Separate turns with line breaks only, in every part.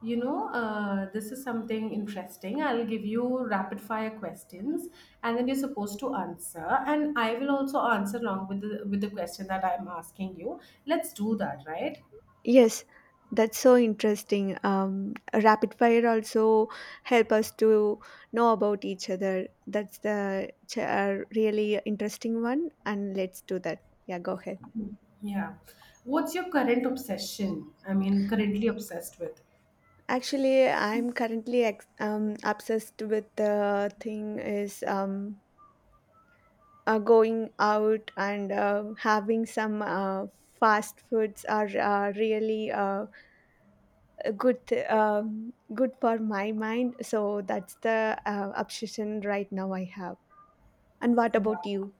This is something interesting. I'll give you rapid fire questions, and then you're supposed to answer. And I will also answer along with the question that I'm asking you. Let's do that, right?
Yes, that's so interesting. Rapid fire also help us to know about each other. That's the really interesting one, and let's do that. Yeah, go ahead.
Yeah. What's your current obsession? I mean, currently obsessed with.
Actually, I'm currently obsessed with, the thing is, going out and having some fast foods are really good for my mind, so that's the obsession right now I have. And what about you?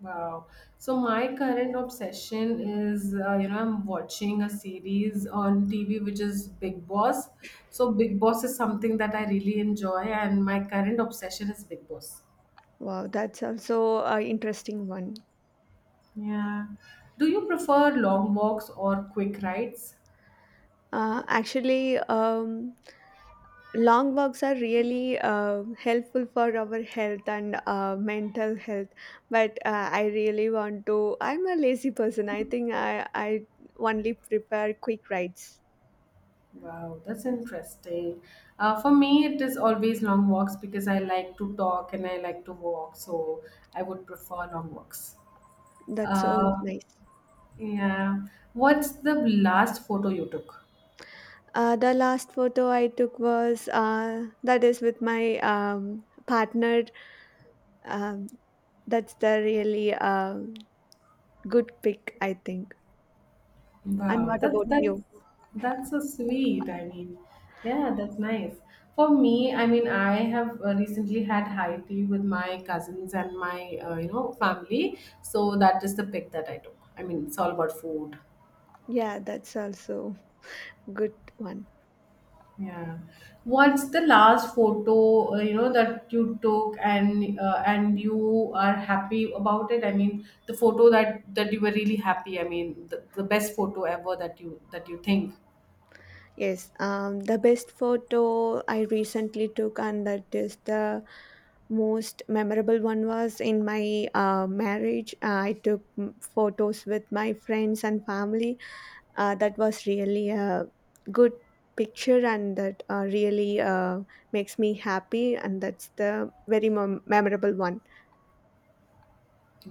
Wow. So my current obsession is, I'm watching a series on TV which is Big Boss. So Big Boss is something that I really enjoy, and my current obsession is Big Boss.
Wow, that's also an interesting one.
Yeah. Do you prefer long walks or quick rides?
Actually, long walks are really helpful for our health and mental health, but I really want to I'm a lazy person, I think I only prepare quick rides.
Wow, that's interesting. For me, it is always long walks because I like to talk and I like to walk, so I would prefer long walks.
That's so
Uh,
nice.
yeah. What's the last photo you took?
The last photo I took was, that is with my partner. Um, that's the really good pick, I think. And
Wow,
what
that's
about
that's
you?
that's so sweet. I mean, yeah, that's nice. For me, I mean, I have recently had high tea with my cousins and my family, so that is the pic that I took. I mean, it's all about food.
Yeah, that's also good one.
Yeah. What's the last photo that you took and you are happy about it? I mean, the photo that you were really happy. I mean, the best photo ever that you think.
Yes, the best photo I recently took, and that is the most memorable one, was in my marriage. I took, photos with my friends and family. That was really a good picture, and that really makes me happy. And that's the very memorable one.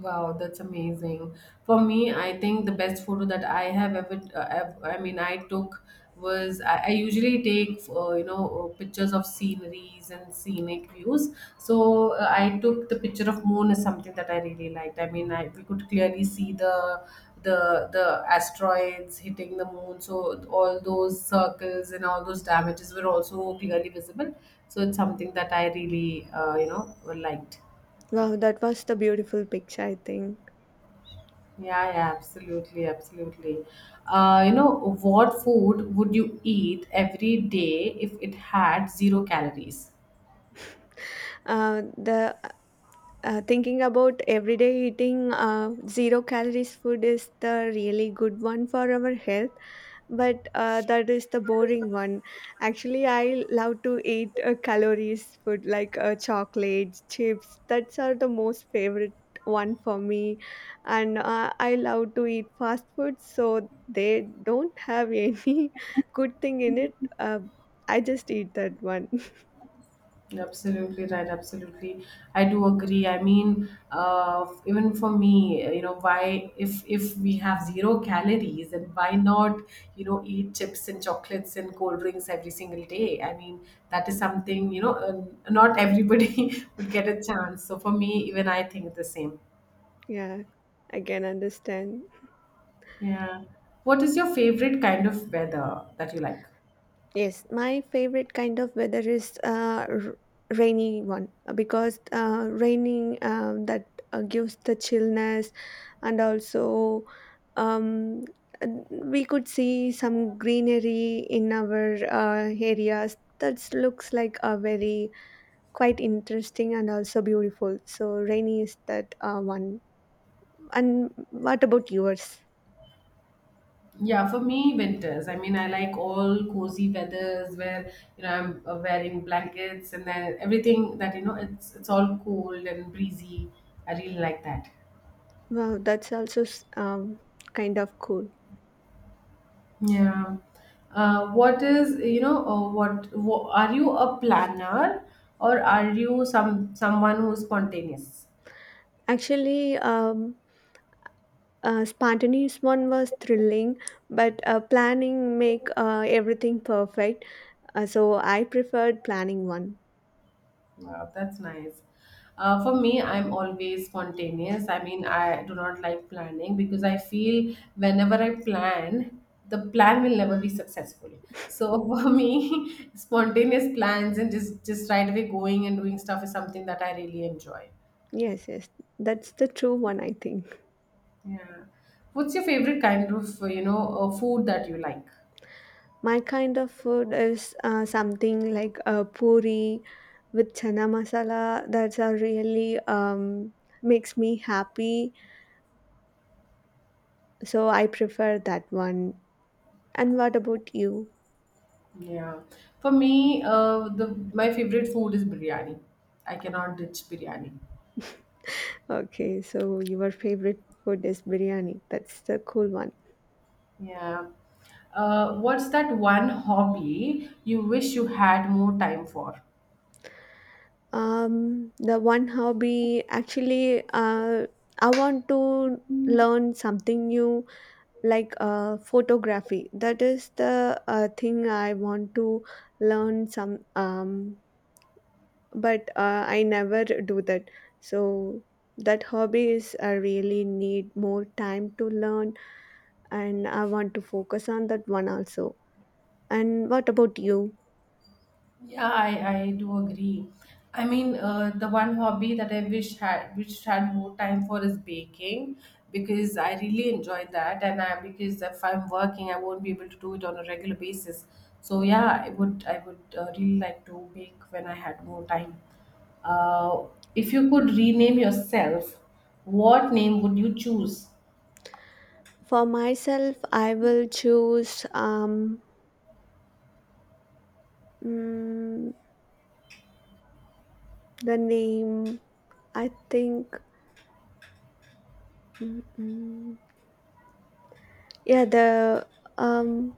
Wow, that's amazing. For me, I think the best photo that I have ever, I mean, I took was I usually take, pictures of sceneries and scenic views. So I took the picture of moon is something that I really liked. I mean, I, we could clearly see the asteroids hitting the moon. So all those circles and all those damages were also clearly visible. So it's something that I really, liked.
Wow, that was the beautiful picture, I think.
Yeah, yeah, absolutely, absolutely. What food would you eat every day if it had zero calories?
The Thinking about everyday eating zero calories food is the really good one for our health, but that is the boring one. Actually, I love to eat calories food like chocolates chips. That's are the most favorite one for me, and I love to eat fast food, so they don't have any good thing in it. uh, I just eat that one.
Absolutely right, absolutely. I do agree. I mean, even for me, why if we have zero calories, then why not, you know, eat chips and chocolates and cold drinks every single day? I mean, that is something, not everybody would get a chance. So for me, even I think the same.
Yeah, I can understand.
Yeah. What is your favorite kind of weather that you like?
Yes, my favorite kind of weather is rainy one, because raining, that gives the chillness, and also um, we could see some greenery in our areas that looks like a very quite interesting and also beautiful. So rainy is that one. And what about yours?
Yeah, for me, winters. I mean, I like all cozy weathers where, you know, I'm wearing blankets and then everything that, you know, it's all cold and breezy. I really like that.
Wow, that's also kind of cool.
Yeah. What is, you know, what, wha Are you a planner or are you someone who's spontaneous?
Actually, spontaneous one was thrilling, but planning make everything perfect, so I preferred planning one.
Wow, that's nice. For me, I'm always spontaneous. I mean, I do not like planning because I feel whenever I plan, the plan will never be successful. So for me, spontaneous plans and just right away going and doing stuff is something that I really enjoy.
Yes, yes, that's the true one, I think.
Yeah. What's your favorite kind of food that you like?
My kind of food is something like a puri with chana masala. That's a really makes me happy, so I prefer that one. And what about you?
Yeah. For me, the my favorite food is biryani. I cannot ditch biryani.
Okay, so your favorite food is biryani. That's the cool one.
Yeah. What's that one hobby you wish you had more time for?
The one hobby, actually, I want to learn something new, like photography. That is the thing I want to learn some, but I never do that. So that hobby is, I really need more time to learn, and I want to focus on that one also. And what about you?
Yeah, I do agree. I mean, the one hobby that I wish had which had more time for is baking because I really enjoy that, and I because if I'm working, I won't be able to do it on a regular basis. So yeah, I would really like to bake when I had more time. Uh, if you could rename yourself, what name would you choose?
For myself, I will choose, mm, the name, I think. mm, mm, yeah, the um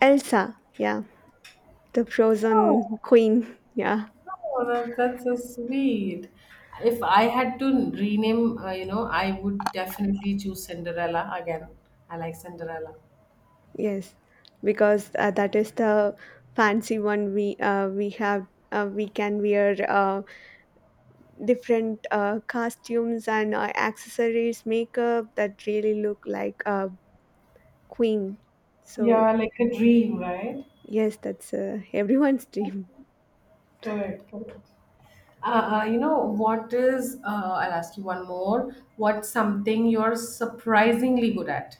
Elsa. Yeah, the Frozen
Oh.
Queen. Yeah.
Oh, that's so sweet. If I had to rename, you know, I would definitely choose Cinderella again. I like Cinderella.
Yes, because that is the fancy one. We can wear different costumes and accessories, makeup, that really look like a queen.
Yeah,
So
like a dream, right?
yes, that's everyone's dream.
Correct, correct. I'll ask you one more. What's something you're surprisingly good at?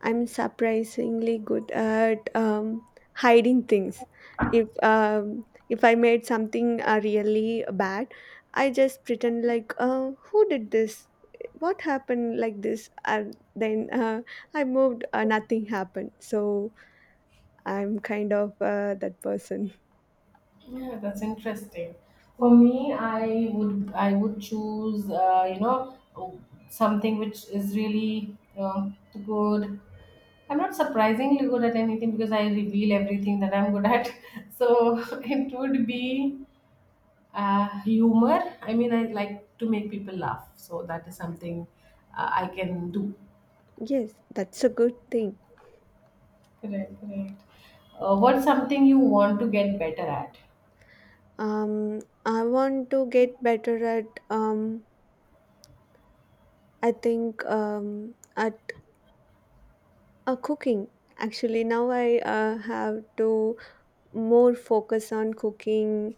I'm surprisingly good at hiding things. If I made something really bad, I just pretend like, who did this? What happened like this? And then I moved. Nothing happened. So I'm kind of that person.
Yeah, that's interesting. For me, I would choose something which is really good. I'm not surprisingly good at anything because I reveal everything that I'm good at. So it would be humor. I mean, I like to make people laugh, so that is something I can do.
Yes, that's a good thing.
Correct, correct. What's something you want to get better at?
Um, I want to get better at. I think, at, cooking. Actually, now I have to more focus on cooking.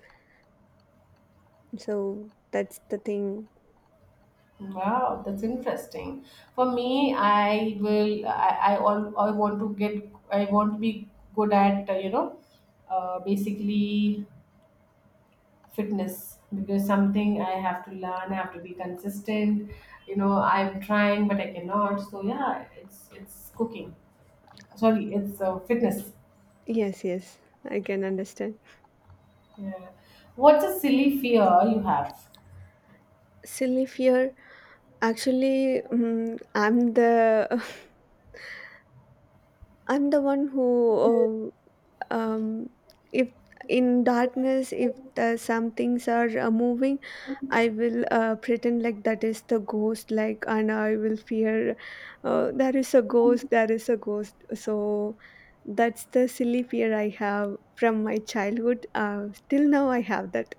So that's the thing.
Wow, that's interesting. For me, I will. I, all, I want to get. I want to be good at basically fitness because something I have to learn. I have to be consistent. You know, I'm trying, but I cannot. So yeah, it's fitness.
Yes, yes, I can understand.
Yeah. What's a silly fear you have?
Silly fear. Actually, I'm the... I'm the one who um, um if in darkness, if the, some things are moving, I will pretend like that is the ghost, like, and I will fear there is a ghost, there is a ghost. So that's the silly fear I have from my childhood. Till now, I have that.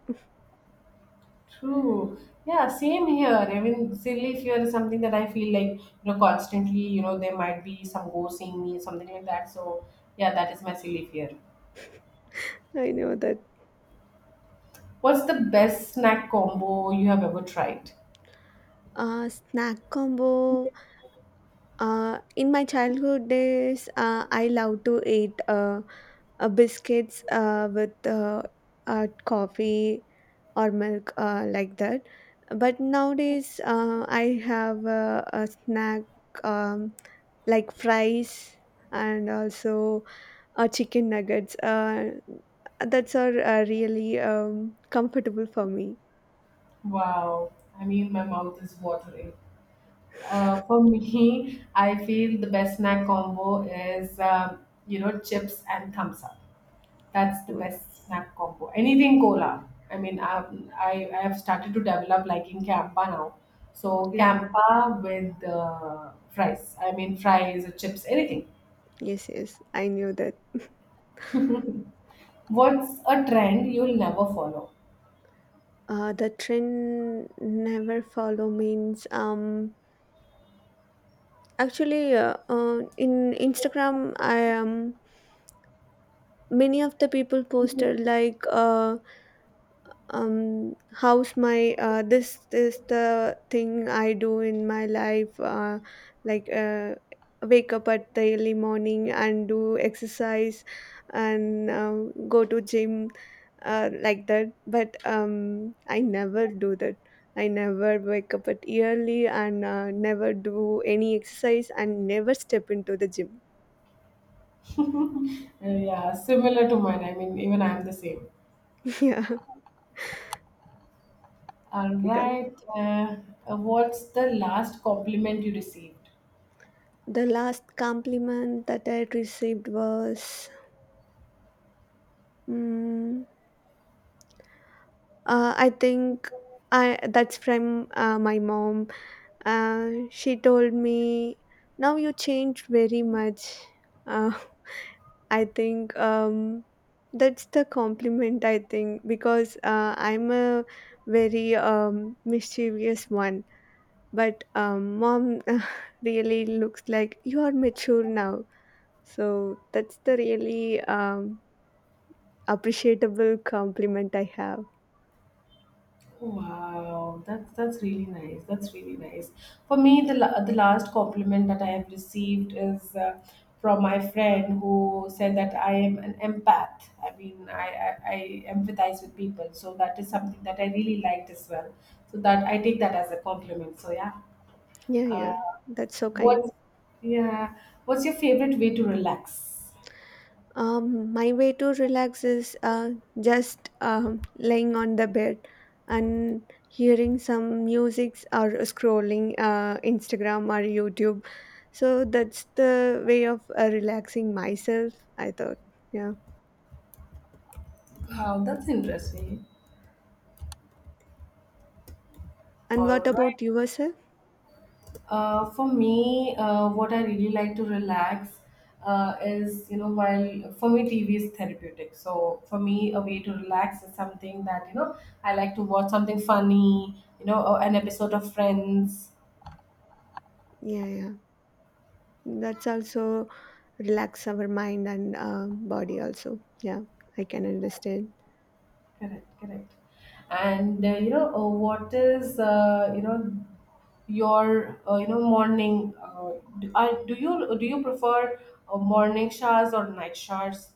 True. Yeah, same here. I mean, silly fear is something that I feel like, you know, constantly, you know, there might be some ghost seeing me, something like that. So, yeah, that is my silly fear.
I know that.
What's the best snack combo you have ever tried?
Snack combo. In my childhood days, I love to eat biscuits with, coffee or milk, like that. But nowadays, I have a snack, um, like fries and also chicken nuggets. That's are really comfortable for me.
Wow. I mean, my mouth is watering. For me, I feel the best snack combo is, chips and thumbs up. That's the
Mm,
best snack combo. Anything cola. I have started to develop liking Campa now. So
yeah.
Campa with fries. I mean, fries or chips, anything.
Yes. Yes. I knew that.
What's a trend you'll never follow?
The trend never follow means, actually, in Instagram I, many of the people posted like, how's my, this is the thing I do in my life, like, wake up at the early morning and do exercise, and go to gym, like that, but I never do that. I never wake up at early and never do any exercise and never step into the gym.
Yeah, similar to mine. I mean, even I'm the same.
Yeah.
All
Because
right. What's the last compliment you received?
the last compliment that I received was, mm I think, I that's from my mom. She told me, "Now you changed very much." Uh, I think, that's the compliment, I think, because I'm a very mischievous one, but mom really looks like you are mature now. So that's the really appreciable compliment I have.
Wow, that's really nice. That's really nice. For me, the last compliment that I have received is from my friend who said that I am an empath. I mean, I empathize with people, so that is something that I really liked as well. So that I take that as a compliment. So yeah,
Yeah, yeah,
uh,
that's so kind.
what? Yeah, what's your favorite way to relax?
My way to relax is just laying on the bed and hearing some music or scrolling Instagram or YouTube. So that's the way of relaxing myself, I thought. Yeah.
Wow, that's interesting.
And what
All right.
about yourself?
For me, what I really like to relax is, you know, while for me, TV is therapeutic. So for me, a way to relax is something that, you know, I like to watch something funny, you know, or an episode of Friends.
Yeah, yeah. That's also relax our mind and body also. Yeah, I can understand.
Correct, correct. And, you know, what is, you know, Your morning do you prefer morning showers or night showers?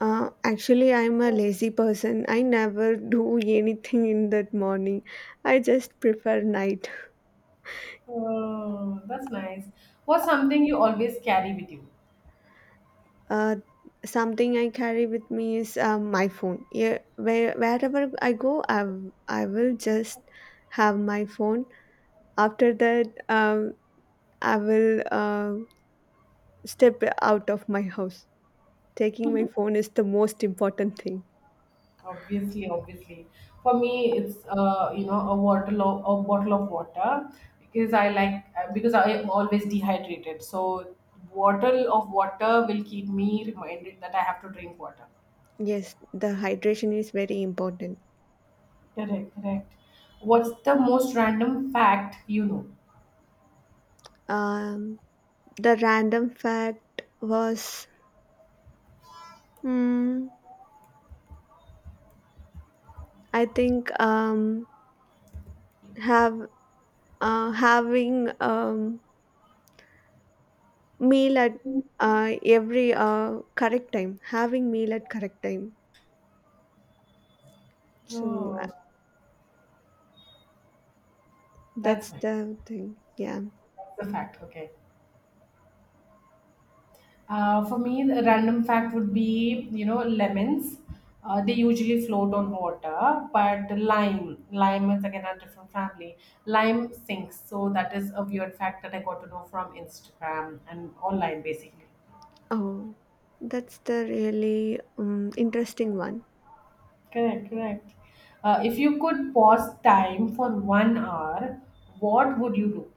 Actually, I'm a lazy person. I never do anything in that morning. I just prefer night.
Oh, that's nice. What's something you always carry with you?
Uh, Something I carry with me is, my phone. Yeah, wherever I go, I will just have my phone. After that, I will step out of my house. Taking my phone is the most important thing.
Obviously, obviously. For me, it's a a bottle of water because I like because I am always dehydrated. So, bottle of water will keep me reminded that I have to drink water.
Yes, the hydration is very important.
Correct, correct. What's the most random fact you know?
Um, the random fact was, Mm, I think, have having meal at every correct time. Having meal at correct time. So
Oh, that's
that's
nice.
the thing. Yeah.
That's the fact. Okay. For me, the random fact would be, you know, lemons. They usually float on water, but lime is again a different family. Lime sinks, so that is a weird fact that I got to know from Instagram and online, basically.
Oh, that's the really interesting one.
Correct, correct. If you could pause time for one hour, what would you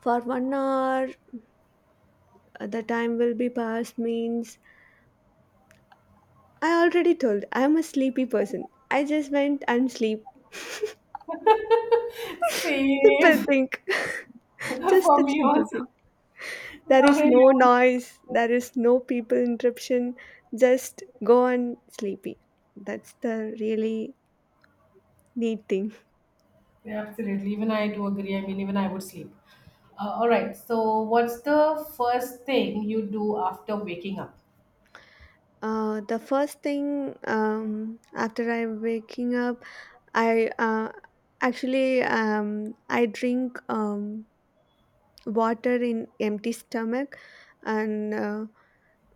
For one hour, the time will be passed means, I already told I'm a sleepy person. I just went and sleep.
do?
Simple
Same
thing. Just
for
a
me
simple
also.
thing. There
No,
is
yeah.
no noise, there is no people interruption, just go and sleepy. That's the really neat thing.
Yeah, absolutely. Even I do agree. I mean, even I would sleep. All right. So, what's the first thing you do after waking up?
The first thing, after I waking up, I actually, I drink, water in empty stomach, and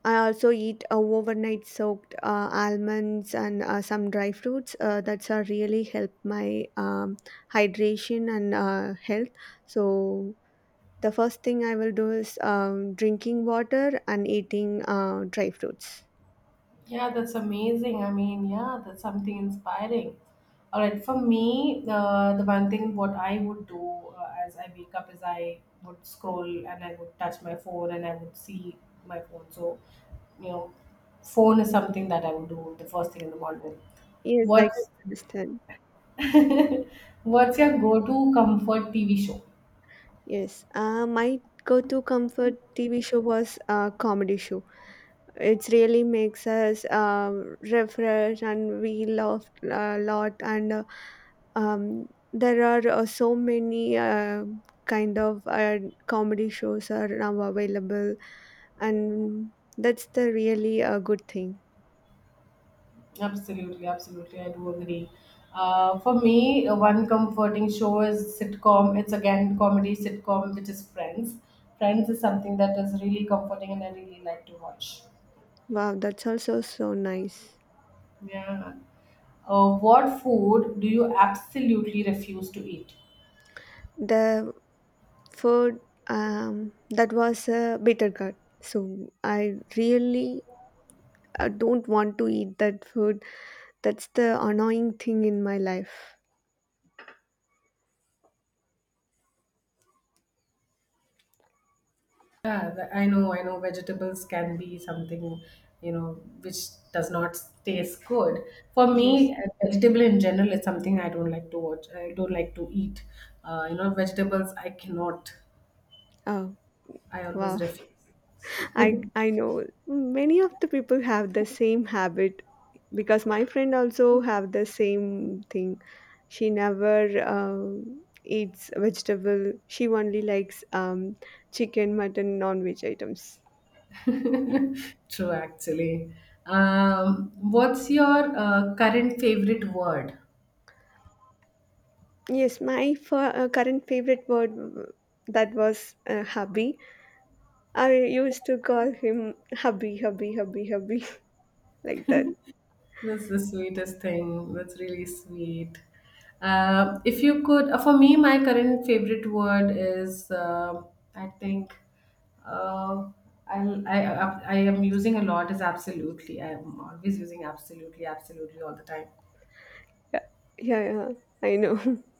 I also eat overnight soaked almonds and some dry fruits. That's really help my hydration and health. So the first thing I will do is, drinking water and eating dry fruits.
Yeah, that's amazing. I mean, yeah, that's something inspiring. All right. For me, the one thing what I would do as I wake up is I would scroll and I would touch my phone and I would see my phone. So, you know, phone is something that I would do the first thing in the morning.
Yes, I
What's
understand.
what's your go-to comfort TV show?
Yes, my go-to comfort TV show was comedy show. It really makes us refresh, and we laugh a lot and. There are so many kind of comedy shows are now available, and that's the really a good thing.
Absolutely, absolutely. I do agree. For me, one comforting show is sitcom. It's again comedy sitcom, which is Friends. Friends is something that is really comforting and I really like to watch.
Wow, that's also so nice.
Yeah. What food do you absolutely refuse to eat?
The food, that was a bitter gourd, so I really don't want to eat that food. That's the annoying thing in my life.
I know vegetables can be something, you know, which does not taste good. For
Yes.
me, vegetable in general is something I don't like to watch. I don't like to eat. You know, vegetables I cannot.
Oh.
I always
Wow.
refuse.
I know many of the people have the same habit, because my friend also have the same thing. She never eats vegetable. She only likes, chicken, mutton, non-veg items.
True, actually. What's your current favorite word?
Yes, my current favorite word, that was hubby. I used to call him hubby, hubby, hubby, hubby like that.
That's the sweetest thing. That's really sweet. If you could, For me, my current favorite word is, I think, uh, I, I am using a lot is absolutely. I am always using absolutely, absolutely all the time.
Yeah, yeah, yeah. I know.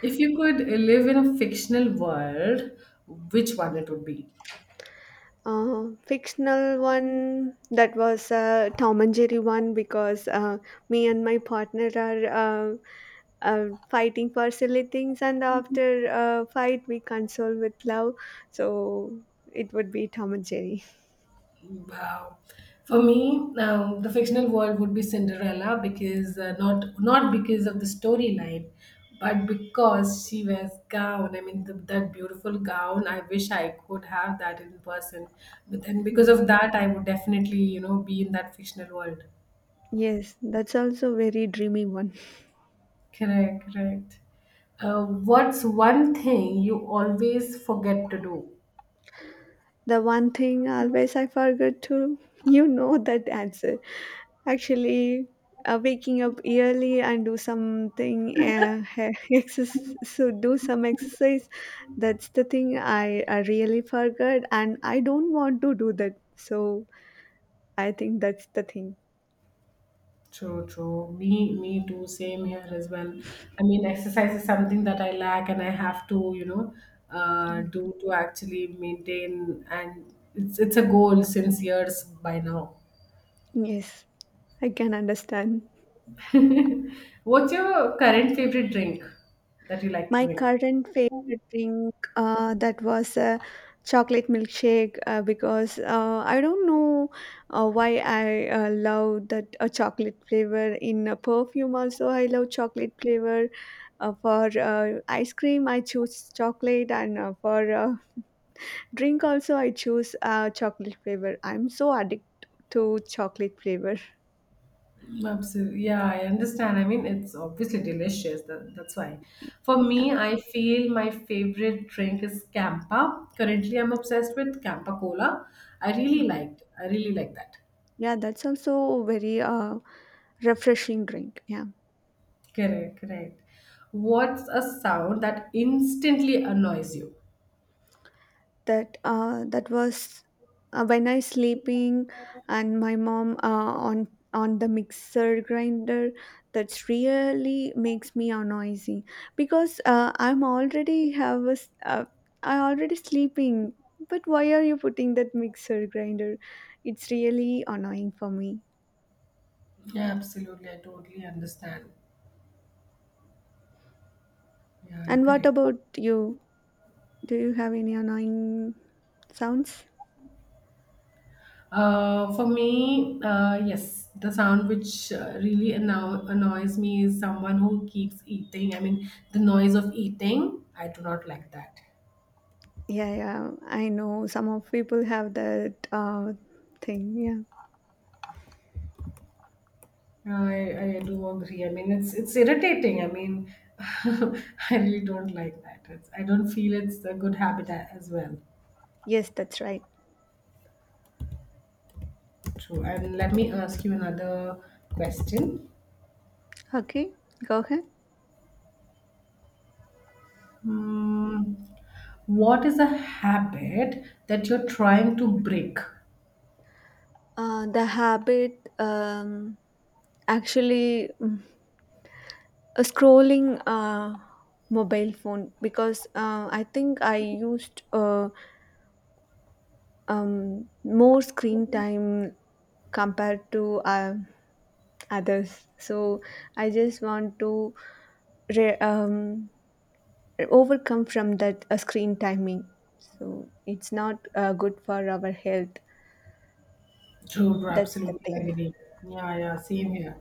If you could live in a fictional world, which one it would be?
Fictional one, that was Tom and Jerry one, because me and my partner are fighting for silly things, and after a fight we console with love, so it would be Tom and Jerry.
Wow. For me, the fictional world would be Cinderella because not because of the storyline, but because she wears gown. I mean, that beautiful gown. I wish I could have that in person. But then, because
Yeah.
of that, I would definitely, you know, be in that fictional world.
Yes, that's also very dreamy one.
Correct, correct. What's one thing you always forget to do?
The one thing always I forget to, you know that answer. Actually, waking up early and do something, exercise, so do some exercise. That's the thing I really forgot, and I don't want to do that. So I think that's the thing.
True, true. Me too. Same here as well. I mean, exercise is something that I lack, and I have to, you know,
Mm.
do to actually maintain. And it's a goal since years by now.
Yes, I can understand.
What's your current favorite drink that you like to
My
drink?
current favorite drink, that was a chocolate milkshake, because I don't know why I love that chocolate flavor in a perfume. Also, I love chocolate flavor. For ice cream, I choose chocolate, and for drink also, I choose chocolate flavor. I'm so addicted to chocolate flavor.
Absolutely. Yeah, I understand. I mean, it's obviously delicious. That's why. For me,
Yeah.
I feel my favorite drink is Campa. Currently, I'm obsessed with Campa Cola. I really
Okay.
liked. I really like that.
Yeah, that's also very refreshing drink. Yeah.
Correct, correct. What's a sound that instantly annoys you?
That was when I sleeping and my mom on the mixer grinder, that's really makes me noisy, because I'm already have a s uh, I already sleeping, but why are you putting that mixer grinder? It's really annoying for me.
Yeah, absolutely. I totally understand. Yeah,
And what
correct.
about you? Do you have any annoying sounds?
For me, yes, the sound which really annoys me is someone who keeps eating. I mean, the noise of eating, I do not like that.
Yeah, yeah, I know some of people have that thing. Yeah.
I do agree. I mean, it's irritating. I mean, I really don't like that. It's, I don't feel it's a good habit as well.
Yes, that's right.
True. And let me ask you another question.
Okay, go ahead.
Hmm, what is a habit that you're trying to break?
The habit, actually, scrolling mobile phone, because I think I used more screen time compared to others. So I just want to re- um, overcome from that screen timing. So it's not good for our health.
True, bro,
That's the
absolutely
thing.
agree. Yeah, yeah, same here.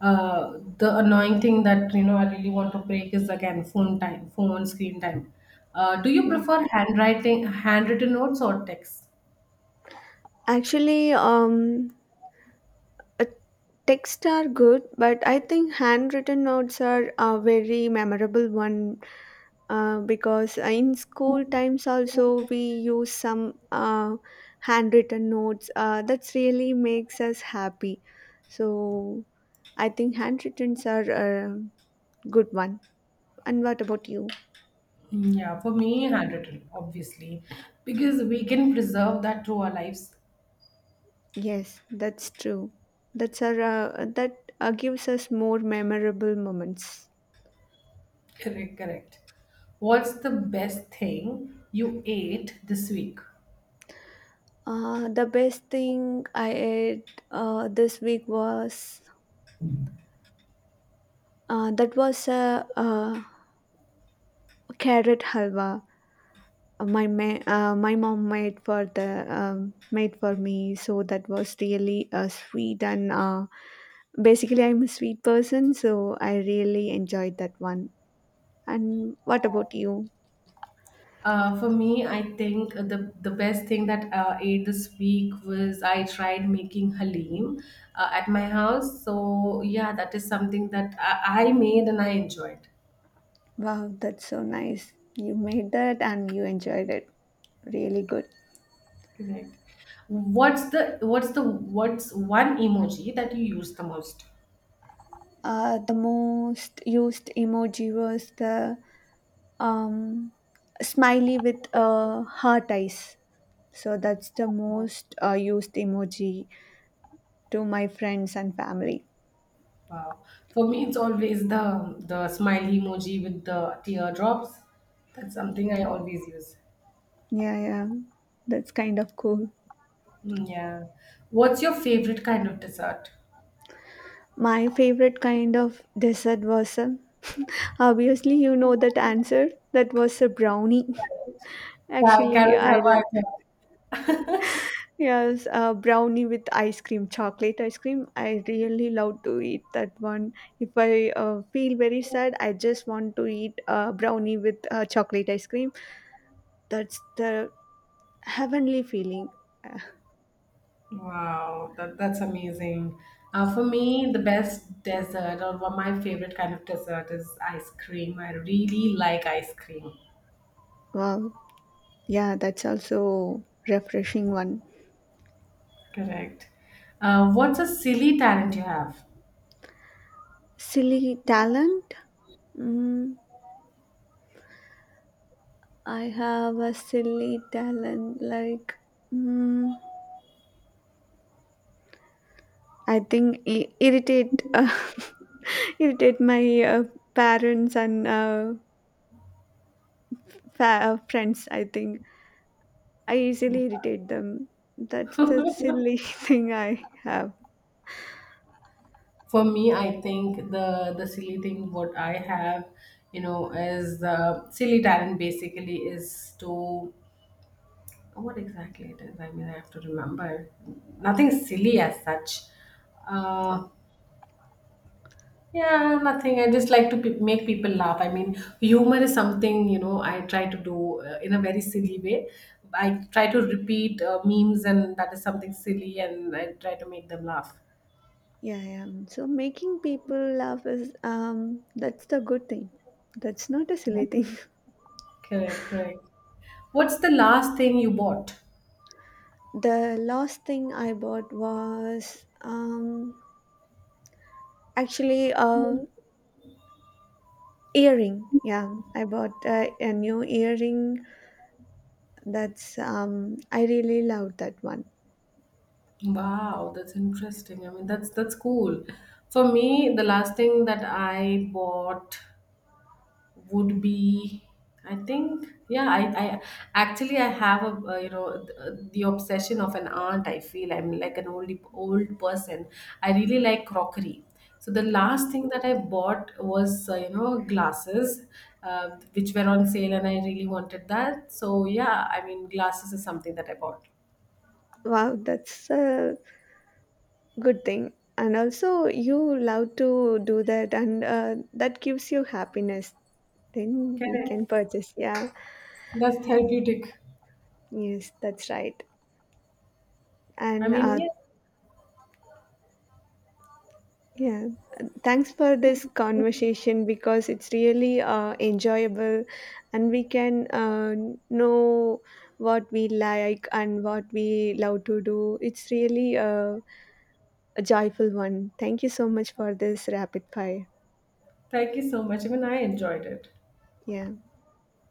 The annoying thing that you know I really want to break is again phone time, phone screen time. Do you
Yeah.
prefer handwriting, handwritten notes or text?
Actually, Uh, texts are good, but I think handwritten notes are a very memorable one, because in school times also we use some handwritten notes. That's really makes us happy. So I think handwrittens are a good one. And what about you?
Yeah, for me, handwritten, obviously, because we can preserve that through our lives.
Yes, that's true. That's our, that gives us more memorable moments.
Correct, correct. What's the best thing you ate this week?
The best thing I ate this week was, that was a carrot halwa. My mom made for the made for me, so that was really sweet. And basically, I'm a sweet person, so I really enjoyed that one. And what about you?
For me, I think the best thing that I ate this week was I tried making halim at my house. So yeah, that is something that I made and I enjoyed.
Wow, that's so nice. You made that and you enjoyed it. Really good.
Correct. What's the what's the what's one emoji that you use the most?
The most used emoji was the, um, smiley with heart eyes. So that's the most used emoji to my friends and family.
Wow. For me, it's always the smiley emoji with the teardrops. That's something I always use.
Yeah, yeah, that's kind of cool.
Mm, yeah. What's your favorite kind of dessert?
My favorite kind of dessert was a obviously you know that answer, that was a brownie. Actually,
Carrot
I
halwa, I think.
yes, brownie with ice cream, chocolate ice cream. I really love to eat that one. If I feel very sad, I just want to eat brownie with chocolate ice cream. That's the heavenly feeling. Uh,
Wow, that's amazing. For me, the best dessert or one my favorite kind of dessert is ice cream. I really like ice cream.
Wow. Yeah, that's also refreshing one.
Correct. What's a silly talent you have?
Silly talent. Mm, I have a silly talent. Like, mm, I think irritate. Irritate my parents and friends, I think I easily irritate them. That's the silly thing I have.
For me, I think the silly thing what I have, you know, is the silly talent, basically, is to what exactly it is. I mean, I have to remember. Nothing silly as such. Uh, yeah, nothing. I just like to make people laugh. I mean, humor is something, you know, I try to do in a very silly way. I try to repeat memes, and that is something silly, and I try to make them laugh.
Yeah, yeah, so making people laugh is, um that's the good thing. That's not a silly thing.
Correct, correct. What's the last thing you bought?
The last thing I bought was, um actually, a earring. Yeah, I bought a new earring. That's, I really loved that one.
Wow, that's interesting. I mean, that's cool. For me, the last thing that I bought would be, I think, yeah, I actually, I have a, you know, the obsession of an aunt, I feel I'm like an old person. I really like crockery, so the last thing that I bought was, you know, glasses, which were on sale and I really wanted that. So yeah, I mean, glasses is something that I bought.
Wow, that's a good thing, and also you love to do that and that gives you happiness, then we can
Correct.
purchase. Yeah.
That's therapeutic.
Yes, that's right.
I
And
mean, yeah,
yeah, thanks for this conversation, because it's really enjoyable, and we can know what we like and what we love to do. It's really a joyful one. Thank you so much for this rapid fire.
thank you so much. I mean, I enjoyed it.
Yeah.